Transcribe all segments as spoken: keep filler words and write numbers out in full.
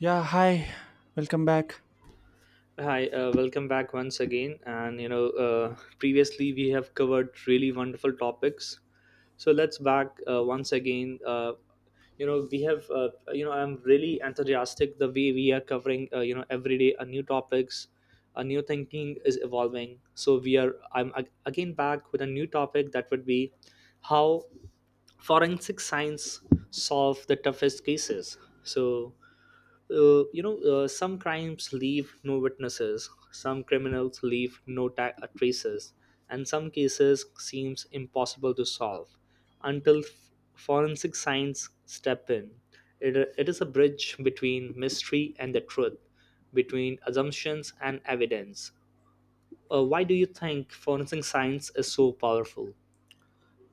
Yeah, hi, welcome back. Hi, uh, welcome back once again. And you know, uh, previously we have covered really wonderful topics. So let's back uh, once again. Uh, you know, we have. Uh, you know, I'm really enthusiastic the way we are covering. Uh, you know, every day a new topics, a new thinking is evolving. So we are. I'm ag- again back with a new topic that would be how forensic science solve the toughest cases. So, uh, you know uh, some crimes leave no witnesses, some criminals leave no ta- uh, traces, and some cases seems impossible to solve until f- forensic science step in. It, it is a bridge between mystery and the truth, between assumptions and evidence. Uh, why do you think forensic science is so powerful?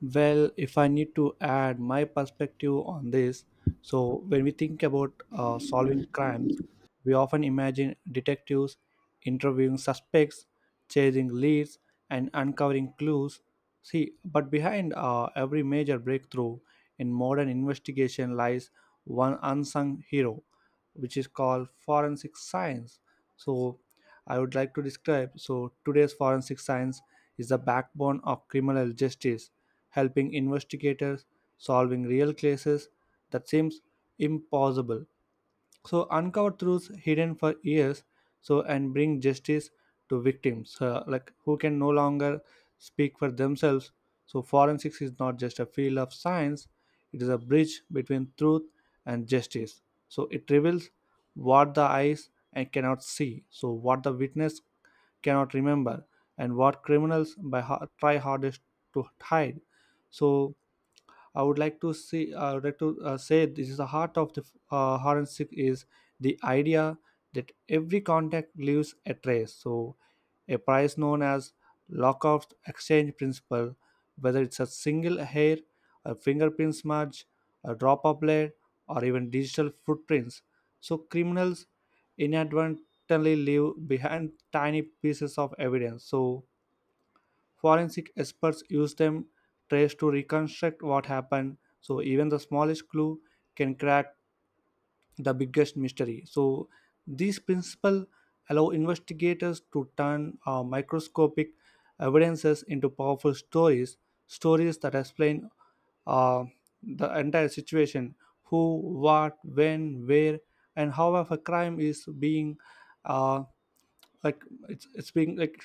Well, if I need to add my perspective on this, so when we think about uh, solving crimes, we often imagine detectives interviewing suspects, chasing leads, and uncovering clues. See, but behind uh, every major breakthrough in modern investigation lies one unsung hero, which is called forensic science. So I would like to describe, so today's forensic science is the backbone of criminal justice, helping investigators solving real cases that seems impossible, so uncover truths hidden for years, so and bring justice to victims, uh, like, who can no longer speak for themselves. So forensics is not just a field of science, it is a bridge between truth and justice. So it reveals what the eyes and cannot see, so what the witness cannot remember, and what criminals by har- try hardest to hide. So I would like to see. I would like to uh, say this is the heart of the uh, forensic, is the idea that every contact leaves a trace. So, a price known as Lockoff exchange principle, whether it's a single hair, a fingerprint smudge, a drop of blood, or even digital footprints. So, criminals inadvertently leave behind tiny pieces of evidence. So, forensic experts use them trace to reconstruct what happened. So even the smallest clue can crack the biggest mystery. So these principles allow investigators to turn uh, microscopic evidences into powerful stories, stories that explain uh, the entire situation: who, what, when, where, and how of a crime is being uh, like it's it's being like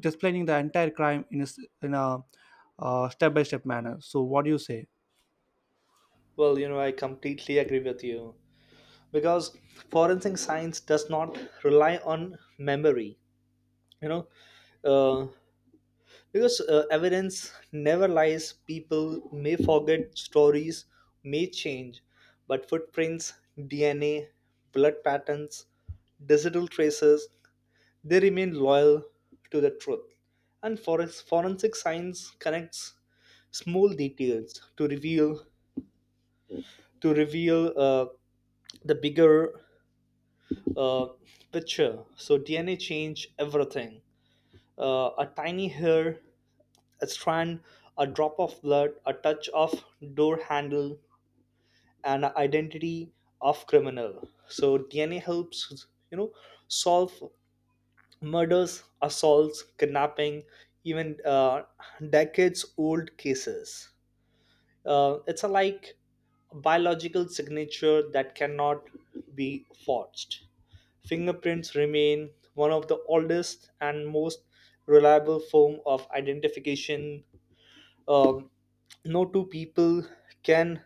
displaying the entire crime in a s- in a uh, step-by-step manner. So what do you say? Well, you know, I completely agree with you, because forensic science does not rely on memory, you know. uh, because uh, evidence never lies. People may forget, stories may change, but footprints, D N A, blood patterns, digital traces, they remain loyal to the truth. And forens- forensic science connects small details to reveal, to reveal uh, the bigger uh, picture. So D N A change everything. Uh, a tiny hair, a strand, a drop of blood, a touch of door handle, an identity of criminal. So D N A helps, you know, solve murders, assaults, kidnapping, even uh, decades-old cases. Uh, it's a like biological signature that cannot be forged. Fingerprints remain one of the oldest and most reliable form of identification. um, no two people can,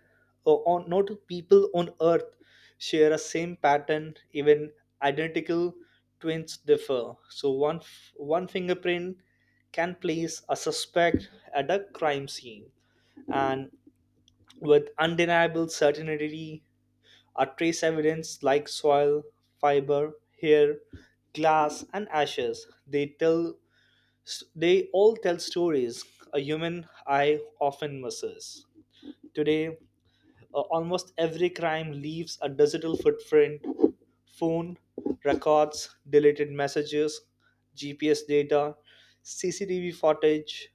uh, on no two people on earth share a same pattern, even identical twins differ. So one f- one fingerprint can place a suspect at a crime scene, and with undeniable certainty a trace evidence like soil, fiber, hair, glass, and ashes, they tell they all tell stories a human eye often misses. Today, uh, almost every crime leaves a digital footprint: phone records, deleted messages, G P S data, C C T V footage,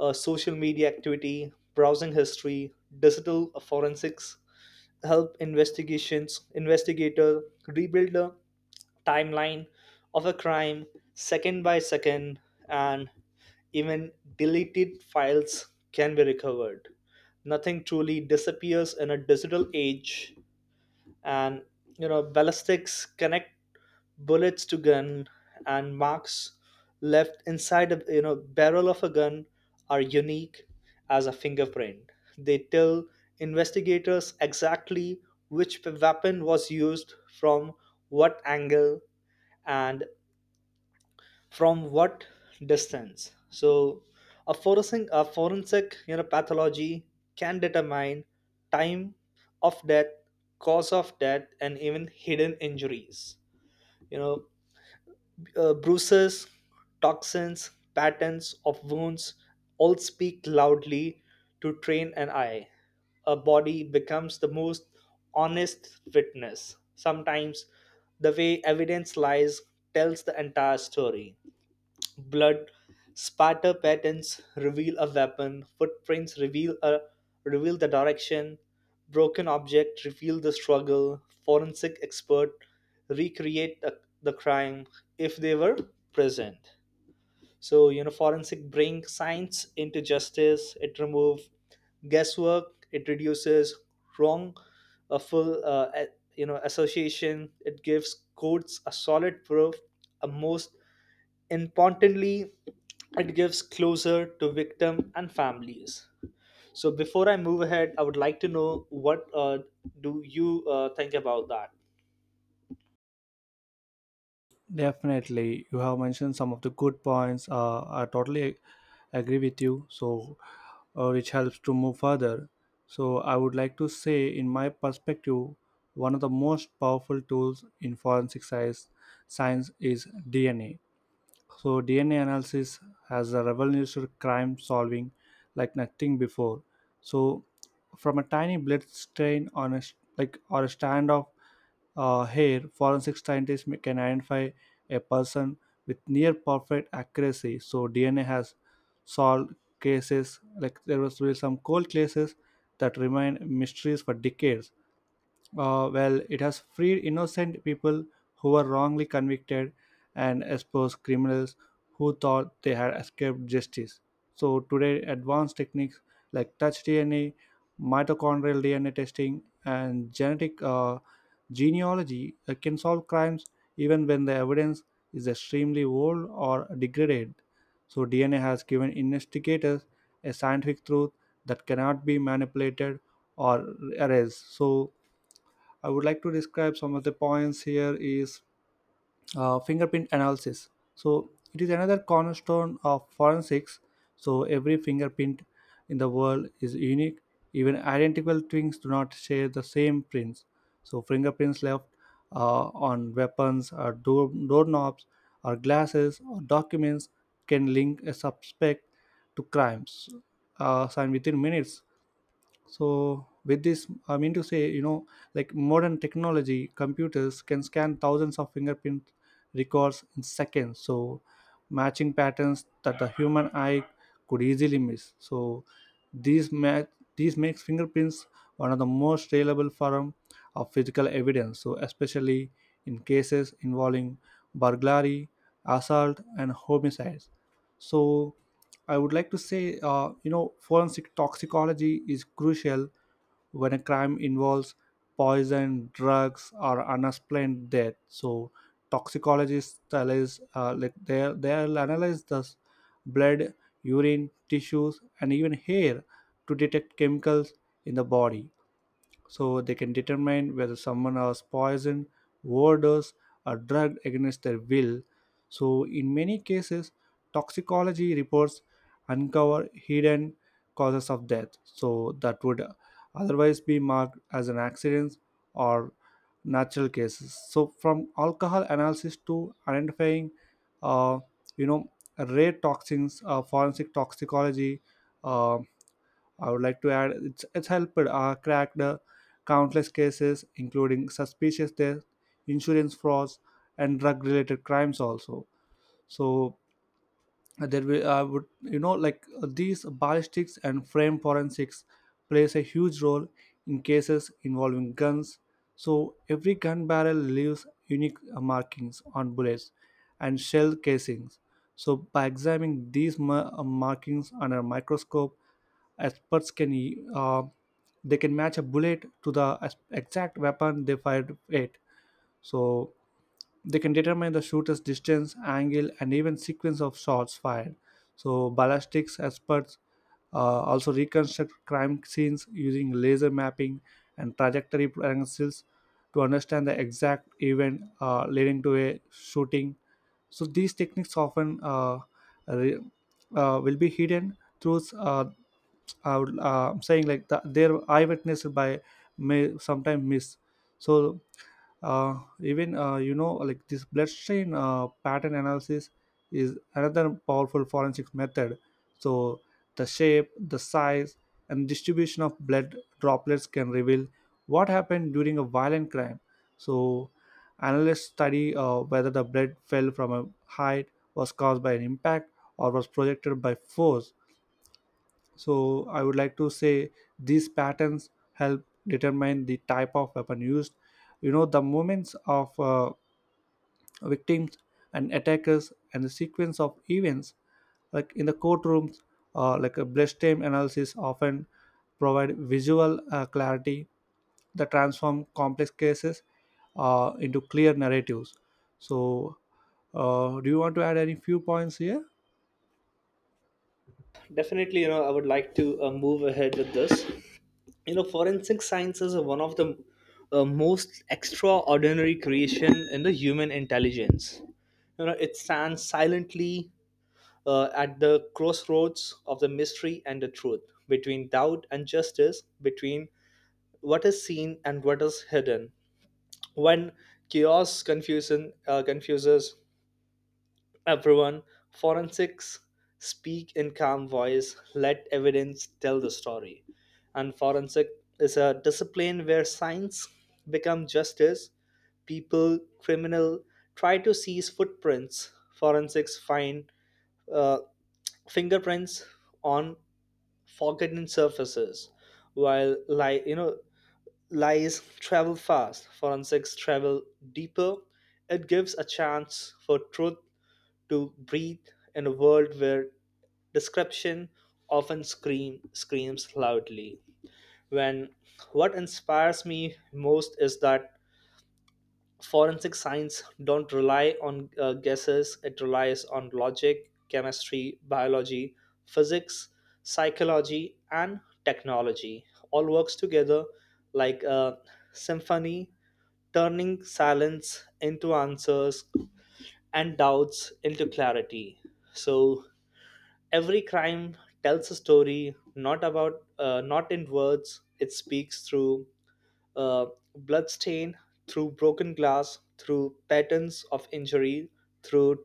uh, social media activity, browsing history. Digital forensics help investigations investigator rebuild a timeline of a crime, second by second. And even deleted files can be recovered. Nothing truly disappears in a digital age. And, you know, ballistics connect bullets to gun, and marks left inside, a you know, barrel of a gun are unique as a fingerprint. They tell investigators exactly which weapon was used, from what angle, and from what distance. So a forensic, a forensic you know pathology can determine time of death, cause of death, and even hidden injuries. You know, uh, bruises, toxins, patterns of wounds all speak loudly to train an eye. A body becomes the most honest witness. Sometimes the way evidence lies tells the entire story. Blood spatter patterns reveal a weapon, footprints reveal a reveal the direction, broken object reveal the struggle. Forensic expert recreate the, the crime if they were present. So, you know, forensic bring science into justice. It remove guesswork, it reduces wrong, a full uh, a- you know association. It gives courts a solid proof. A most importantly, it gives closer to victim and families. So before I move ahead, I would like to know, what uh, do you uh, think about that? Definitely you have mentioned some of the good points. uh, I totally agree with you. So uh, which helps to move further. So I would like to say in my perspective, one of the most powerful tools in forensic science science is DNA. So D N A analysis has a revolutionized crime solving like nothing before. So from a tiny blood stain on a sh- like, or a strand of uh, hair, forensic scientists ma- can identify a person with near perfect accuracy. So D N A has solved cases like there was really some cold cases that remain mysteries for decades. Uh, well, it has freed innocent people who were wrongly convicted and exposed criminals who thought they had escaped justice. So, today, advanced techniques like touch D N A, mitochondrial D N A testing, and genetic uh, genealogy uh, can solve crimes even when the evidence is extremely old or degraded. So, D N A has given investigators a scientific truth that cannot be manipulated or erased. So, I would like to describe some of the points here is uh, fingerprint analysis. So it is another cornerstone of forensics. So every fingerprint in the world is unique. Even identical twins do not share the same prints. So fingerprints left uh, on weapons or door doorknobs or glasses or documents can link a suspect to crimes. Uh, and within minutes, so with this I mean to say, you know, like, modern technology computers can scan thousands of fingerprint records in seconds, so matching patterns that the human eye could easily miss. So these ma- these makes fingerprints one of the most reliable form of physical evidence, so especially in cases involving burglary, assault, and homicides. So I would like to say, uh, you know, forensic toxicology is crucial when a crime involves poison, drugs, or unexplained death. So, toxicologists tell us, uh, like, they they'll analyze the s- blood, urine, tissues, and even hair to detect chemicals in the body, so they can determine whether someone was poisoned, overdosed, or drugged against their will. So, in many cases, toxicology reports uncover hidden causes of death. So, that would otherwise be marked as an accident or natural cases. So, from alcohol analysis to identifying, uh, you know, rare toxins, uh, forensic toxicology. Uh, I would like to add, it's, it's helped uh, crack the countless cases, including suspicious deaths, insurance frauds, and drug related crimes, also. So, uh, there will, I would, you know, like, uh, these ballistics and frame forensics plays a huge role in cases involving guns. So every gun barrel leaves unique uh, markings on bullets and shell casings. So by examining these ma- uh, markings under a microscope, experts can uh, they can match a bullet to the ex- exact weapon they fired at. So they can determine the shooter's distance, angle, and even sequence of shots fired. So, ballistics experts uh, also reconstruct crime scenes using laser mapping and trajectory angles to understand the exact event uh, leading to a shooting. So, these techniques often uh, re- uh, will be hidden through, uh, I would, uh, I'm saying like the, their eyewitness by may sometimes miss. So uh, even uh, you know, like, this bloodstream uh, pattern analysis is another powerful forensic method. So the shape, the size, and distribution of blood droplets can reveal what happened during a violent crime. So analysts study uh, whether the blood fell from a height, was caused by an impact, or was projected by force. So I would like to say these patterns help determine the type of weapon used. You know, the moments of uh, victims and attackers and the sequence of events, like in the courtrooms, uh, like, a bloodstain analysis often provide visual uh, clarity that transform complex cases uh, into clear narratives. So, uh, do you want to add any few points here? Definitely, you know, I would like to uh, move ahead with this. You know, forensic sciences are one of the uh, most extraordinary creation in the human intelligence. You know, it stands silently uh, at the crossroads of the mystery and the truth, between doubt and justice, between what is seen and what is hidden. When chaos, confusion, uh, confuses everyone, forensics speak in calm voice, let evidence tell the story. And forensic is a discipline where science become justice. People, criminal try to seize footprints. Forensics find uh, fingerprints on forgotten surfaces, while lie you know lies travel fast. Forensics travel deeper. It gives a chance for truth to breathe in a world where description often scream screams loudly. When what inspires me most is that forensic science don't rely on uh, guesses. It relies on logic, chemistry, biology, physics, psychology, and technology all works together like a symphony, turning silence into answers and doubts into clarity. So every crime tells a story, not about, uh, not in words. It speaks through uh, bloodstain, through broken glass, through patterns of injury, through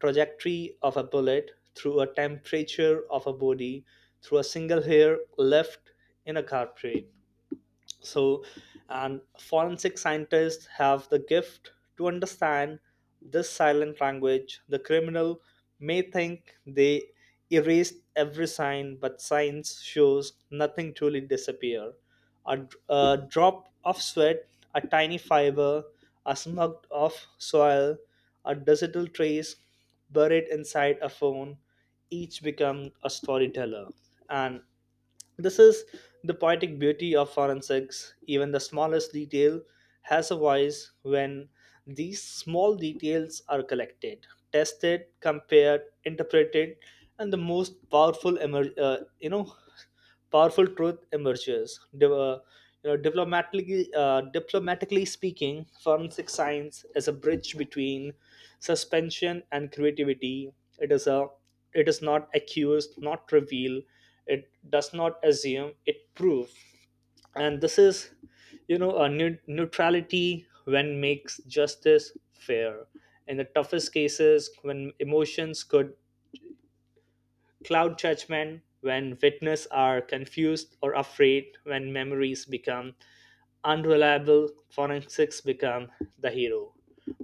trajectory of a bullet, through a temperature of a body, through a single hair left in a carpet. So, and forensic scientists have the gift to understand this silent language. The criminal may think they erased every sign, but science shows nothing truly disappear. A, d- a drop of sweat, a tiny fiber, a smug of soil, a digital trace buried inside a phone, each become a storyteller. And this is the poetic beauty of forensics. Even the smallest detail has a voice. When these small details are collected, tested, compared, interpreted, and the most powerful, emer- uh, you know, powerful truth emerges. De- uh, you know, diplomatically, uh, diplomatically speaking, forensic science is a bridge between suspension and creativity. It is a, it is not accused, not reveal. It does not assume, it proves. And this is, you know, a neu- neutrality when makes justice fair in the toughest cases, when emotions could cloud judgment, when witnesses are confused or afraid, when memories become unreliable. Forensics become the hero,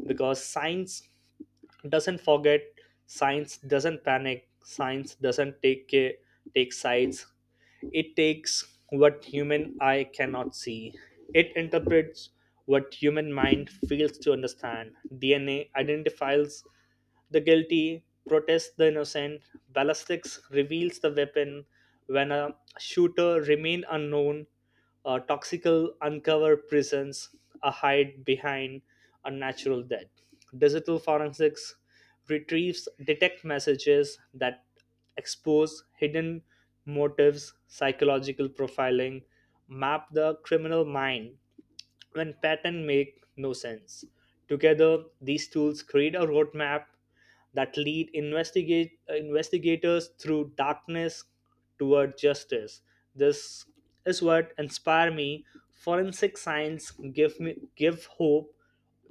because science doesn't forget, science doesn't panic, science doesn't take care, take sides. It takes what human eye cannot see. It interprets what human mind fails to understand. D N A identifies the guilty, protest the innocent. Ballistics reveals the weapon when a shooter remain unknown. Uh, toxical uncover prisons. A hide behind a natural death. Digital forensics retrieves detect messages that expose hidden motives. Psychological profiling map the criminal mind when patterns make no sense. Together, these tools create a roadmap that lead investigate, uh, investigators through darkness toward justice. This is what inspire me. Forensic science give me give hope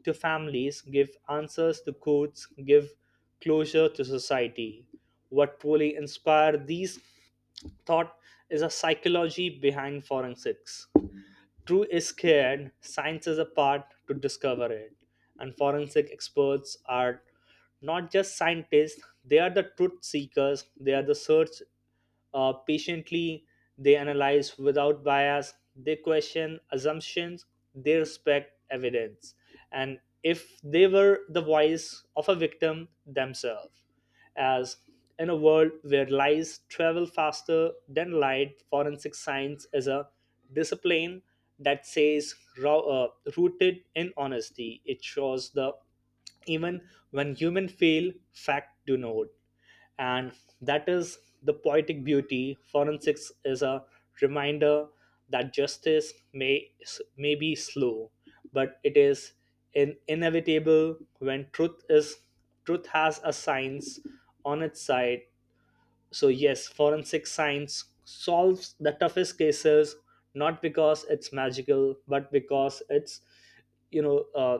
to families, give answers to courts, give closure to society. What truly inspire these thought is a psychology behind forensics. True is scared, science is a part to discover it. And forensic experts are not just scientists, they are the truth seekers. They are the search uh, patiently. They analyze without bias, they question assumptions, they respect evidence, and if they were the voice of a victim themselves. As in a world where lies travel faster than light, forensic science is a discipline that says, ro- uh, rooted in honesty. It shows the even when human fail, fact do not. And that is the poetic beauty. Forensics is a reminder that justice may may be slow, but it is in inevitable when truth is truth has a science on its side. So yes, forensic science solves the toughest cases not because it's magical, but because it's, you know uh,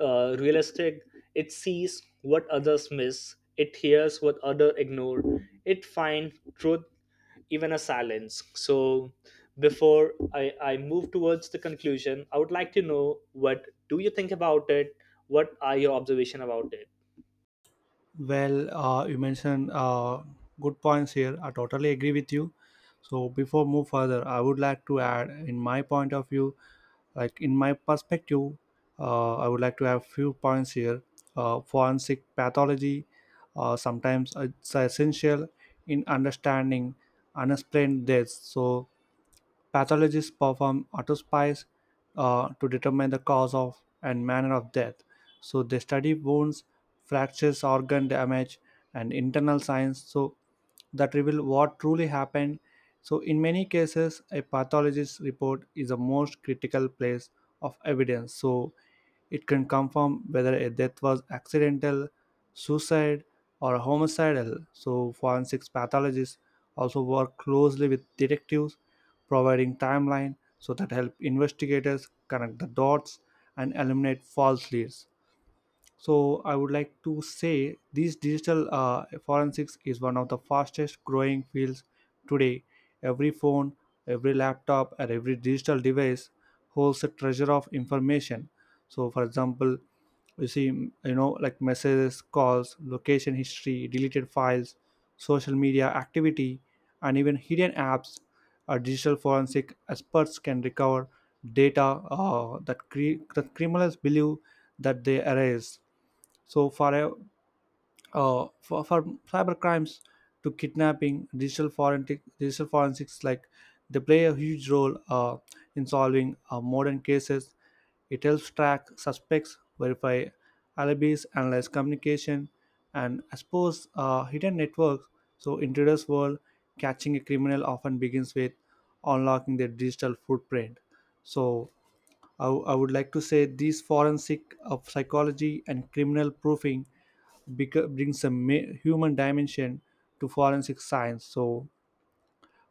uh, realistic. It sees what others miss. It hears what other ignore. It finds truth even a silence. So before I, I move towards the conclusion, I would like to know, what do you think about it? What are your observation about it? Well, uh, you mentioned uh, good points here. I totally agree with you. So before move further, I would like to add, in my point of view, like in my perspective, uh, I would like to have few points here. Uh, Forensic pathology, uh, sometimes it's essential in understanding unexplained deaths. So pathologists perform autopsies uh, to determine the cause of and manner of death. So they study wounds, fractures, organ damage, and internal signs. So that reveal what truly happened. So in many cases, a pathologist's report is the most critical place of evidence. So it can confirm whether a death was accidental, suicide, or homicidal. So forensic pathologists also work closely with detectives, providing timeline so that help investigators connect the dots and eliminate false leads. So I would like to say these digital uh, forensics is one of the fastest growing fields today. Every phone, every laptop, and every digital device holds a treasure of information. So, for example, you see, you know, like, messages, calls, location history, deleted files, social media activity, and even hidden apps. Our digital forensic experts can recover data uh, that, cre- that criminals believe that they erase. So for a- uh, for, for cyber crimes to kidnapping, digital forensic digital forensics, like, they play a huge role uh, in solving uh, modern cases. It helps track suspects, verify alibis, analyze communication, and expose uh, hidden networks. So in today's world, catching a criminal often begins with unlocking their digital footprint. So I I would like to say these forensic of psychology and criminal proofing beca- brings a ma- human dimension to forensic science. So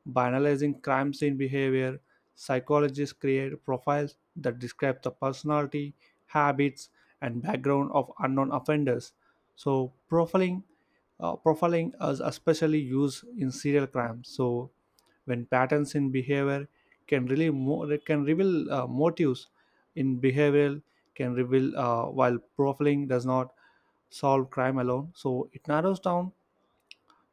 by analyzing crime scene behavior, psychologists create profiles that describe the personality, habits, and background of unknown offenders. So, profiling uh, profiling is especially used in serial crimes. So, when patterns in behavior can really mo- can reveal uh, motives in behavioral can reveal uh, while profiling does not solve crime alone, so it narrows down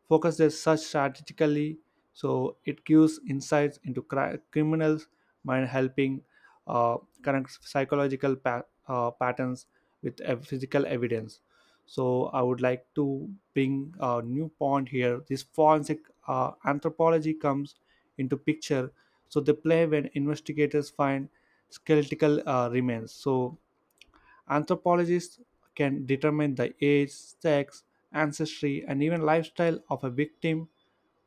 focuses such strategically. So it gives insights into cri- criminals mind, helping uh, connect psychological pa- uh, patterns with ev- physical evidence. So I would like to bring a new point here: this forensic uh, anthropology comes into picture. So they play when investigators find skeletal uh, remains. So anthropologists can determine the age, sex, ancestry, and even lifestyle of a victim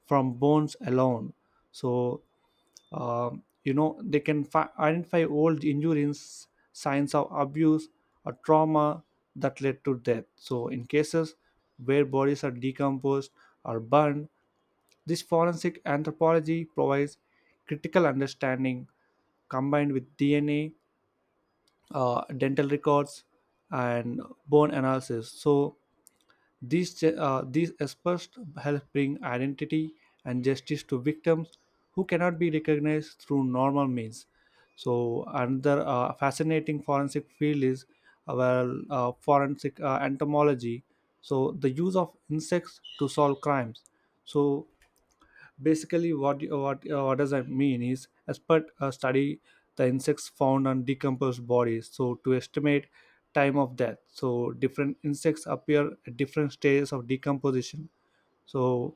from bones alone. So, um, you know, they can fi- identify old injuries, signs of abuse, or trauma that led to death. So, in cases where bodies are decomposed or burned, this forensic anthropology provides critical understanding combined with D N A, uh, dental records, and bone analysis. So these ju- uh, these experts help bring identity and justice to victims who cannot be recognized through normal means. So another uh, fascinating forensic field is, uh, well uh, forensic uh, entomology, so the use of insects to solve crimes. So basically, what what uh, what does that mean is, experts uh, study the insects found on decomposed bodies so to estimate time of death. So different insects appear at different stages of decomposition. So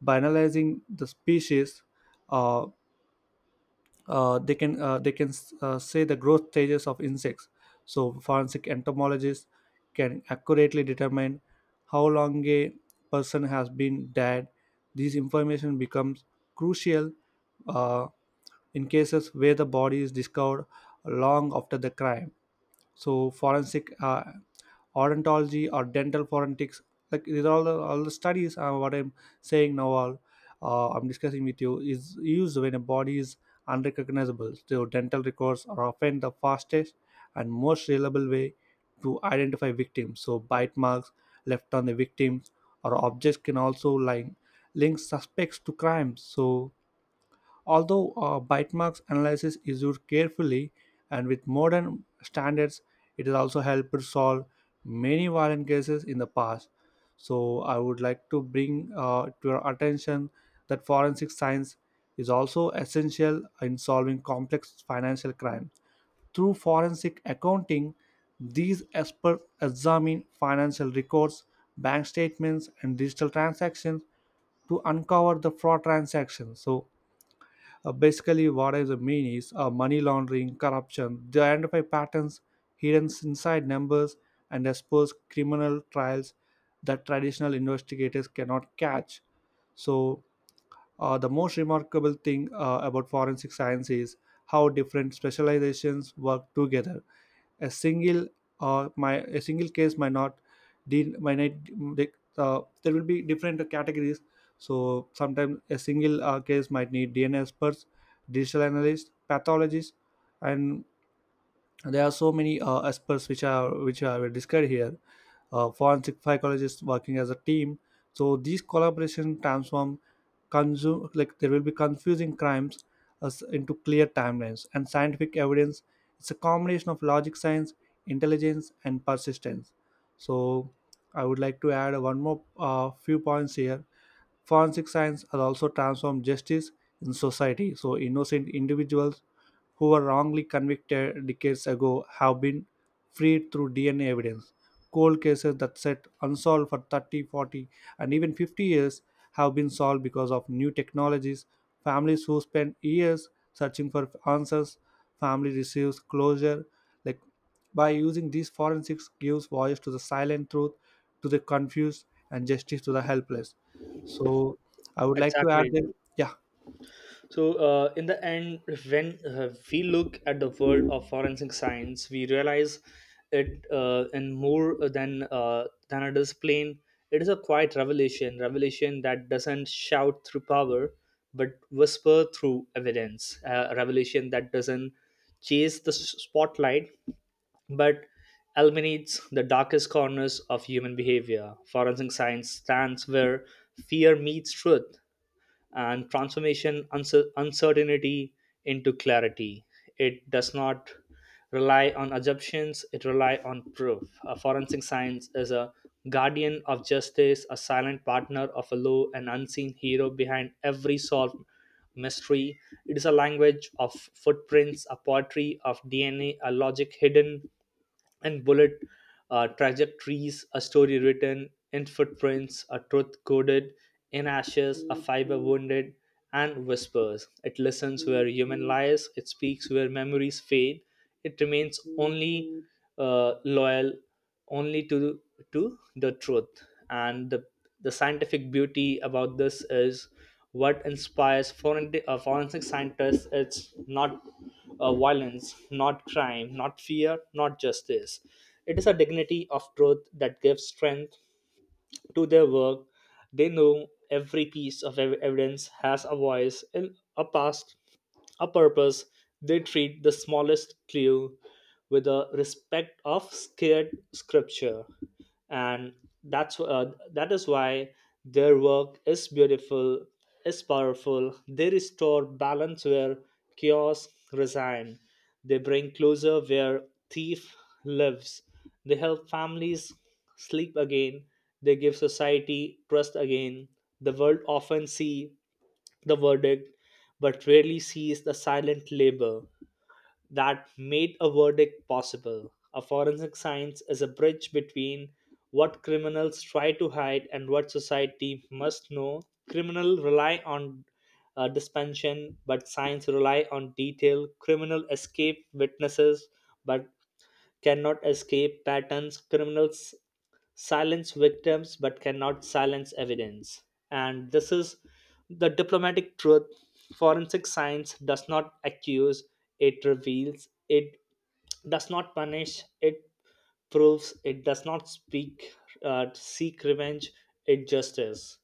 by analyzing the species, uh, uh, they can uh, they can uh, say the growth stages of insects. So forensic entomologists can accurately determine how long a person has been dead. This information becomes crucial uh, in cases where the body is discovered long after the crime. So forensic uh, odontology, or dental forensics, like, these are all the, all the studies uh, what I'm saying now, all uh, I'm discussing with you, is used when a body is unrecognizable. So dental records are often the fastest and most reliable way to identify victims. So bite marks left on the victims or objects can also, like, link suspects to crimes. So, although uh, bite marks analysis is used carefully and with modern standards, it has also helped solve many violent cases in the past. So, I would like to bring uh, to your attention that forensic science is also essential in solving complex financial crime. Through forensic accounting, these experts examine financial records, bank statements, and digital transactions to uncover the fraud transactions. So, uh, basically, what I mean is uh, money laundering, corruption. They identify patterns hidden inside numbers and expose criminal trials that traditional investigators cannot catch. So, uh, the most remarkable thing uh, about forensic science is how different specializations work together. A single or my a single case might not deal might not de- uh, there will be different categories. So sometimes a single uh, case might need DNA experts, digital analysts, pathologists, and there are so many uh, aspects which are which are were discussed here, uh, forensic psychologists, working as a team. So these collaboration transform consume, like, there will be confusing crimes as into clear timelines and scientific evidence. It's a combination of logic, science, intelligence, and persistence. So I would like to add one more uh, few points here. Forensic science has also transformed justice in society. So, innocent individuals who were wrongly convicted decades ago have been freed through D N A evidence. Cold cases that sat unsolved for thirty, forty, and even fifty years have been solved because of new technologies. Families who spend years searching for answers, family receives closure. Like, by using these forensics gives voice to the silent truth, to the confused, and justice to the helpless. So I would like to add Exactly. that, yeah, So, uh, in the end, when uh, we look at the world of forensic science, we realize it uh, in more than uh, than a discipline. It is a quiet revelation, revelation that doesn't shout through power, but whisper through evidence. A revelation that doesn't chase the s- spotlight, but illuminates the darkest corners of human behavior. Forensic science stands where fear meets truth, and transformation uncer- uncertainty into clarity. It does not rely on assumptions, it relies on proof. A forensic science is a guardian of justice, a silent partner of a law, an unseen hero behind every solved mystery. It is a language of footprints, a poetry of D N A, a a logic hidden and bullet uh, trajectories, a story written in footprints, a truth coded in ashes, a fiber wounded, and whispers. It listens where human lies, it speaks where memories fade, it remains only uh, loyal only to to the truth. And the the scientific beauty about this is, what inspires forensic, uh, forensic scientists is not uh, violence, not crime, not fear, not justice. It is a dignity of truth that gives strength to their work. They know every piece of ev- evidence has a voice in a past, a purpose. They treat the smallest clue with the respect of scared scripture. And that's, uh, that is why their work is beautiful, is powerful. They restore balance where chaos resign. They bring closer where thief lives. They help families sleep again. They give society trust again. The world often see the verdict, but rarely sees the silent labor that made a verdict possible. A forensic science is a bridge between what criminals try to hide and what society must know. Criminal rely on uh, dispensation, but science rely on detail. Criminal escape witnesses, but cannot escape patterns. Criminals silence victims but cannot silence evidence. And this is the diplomatic truth. Forensic science does not accuse, it reveals. It does not punish, it proves. It does not speak, uh, seek revenge, it just is.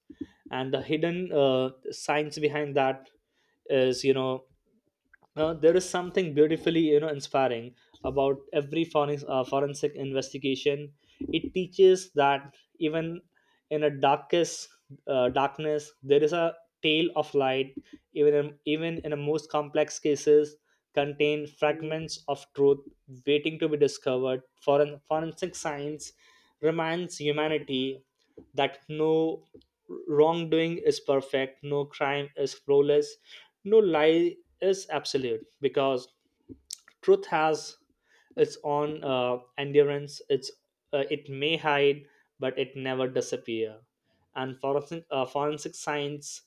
And the hidden uh, science behind that is, you know, now, there is something beautifully, you know, inspiring about every forensic, uh, forensic investigation. It teaches that even in a darkest uh, darkness, there is a tail of light. Even in, even in the most complex cases, contain fragments of truth waiting to be discovered. Foren, forensic science reminds humanity that no wrongdoing is perfect, no crime is flawless, no lie is absolute, because truth has its own uh, endurance. It's, uh, it may hide but it never disappear. And forensic uh, forensic science,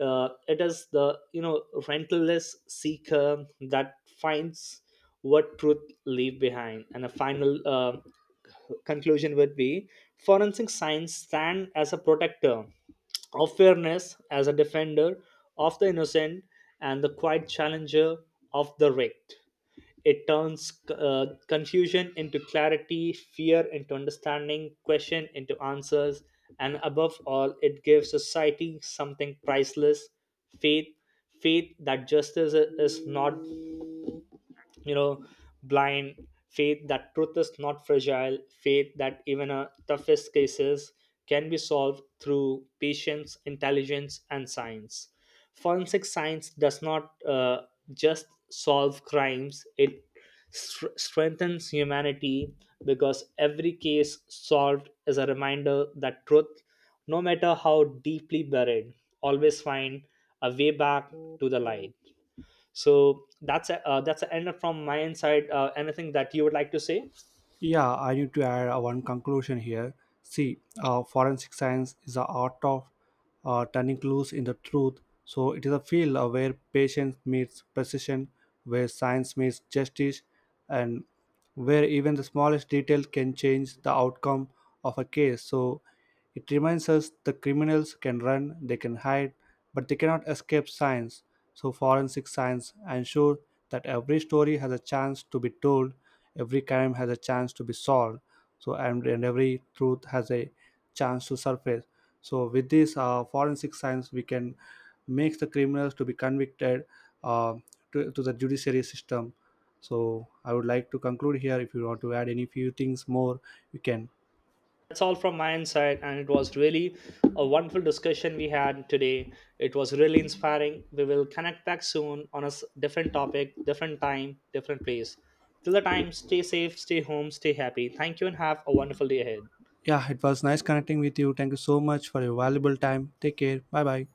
uh, it is the, you know, rentless seeker that finds what truth leave behind. And a final uh, conclusion would be: forensic science stand as a protector of fairness, as a defender of the innocent, and the quiet challenger of the rigged. It turns uh, confusion into clarity, fear into understanding, question into answers, and above all, it gives society something priceless: faith. Faith that justice is not, you know, blind, faith that truth is not fragile, faith that even a toughest cases can be solved through patience, intelligence, and science. Forensic science does not uh, just solve crimes, it str- strengthens humanity, because every case solved is a reminder that truth, no matter how deeply buried, always find a way back to the light. So that's a, uh, that's the end from my end side. Uh, anything that you would like to say? yeah, I need to add uh, one conclusion here. See, uh, forensic science is the art of uh, turning clues into truth. So it is a field uh, where patience meets precision, where science meets justice, and where even the smallest detail can change the outcome of a case. So it reminds us the criminals can run, they can hide, but they cannot escape science. So, forensic science ensures that every story has a chance to be told, every crime has a chance to be solved, so and, and every truth has a chance to surface. So, with this uh, forensic science, we can make the criminals to be convicted uh, to, to the judiciary system. So, I would like to conclude here. If you want to add any few things more, you can. That's all from my end side, and it was really a wonderful discussion we had today. It was really inspiring. We will connect back soon on a s- different topic, different time, different place. Till the time, stay safe, stay home, stay happy. Thank you and have a wonderful day ahead. Yeah, it was nice connecting with you. Thank you so much for your valuable time. Take care. Bye bye.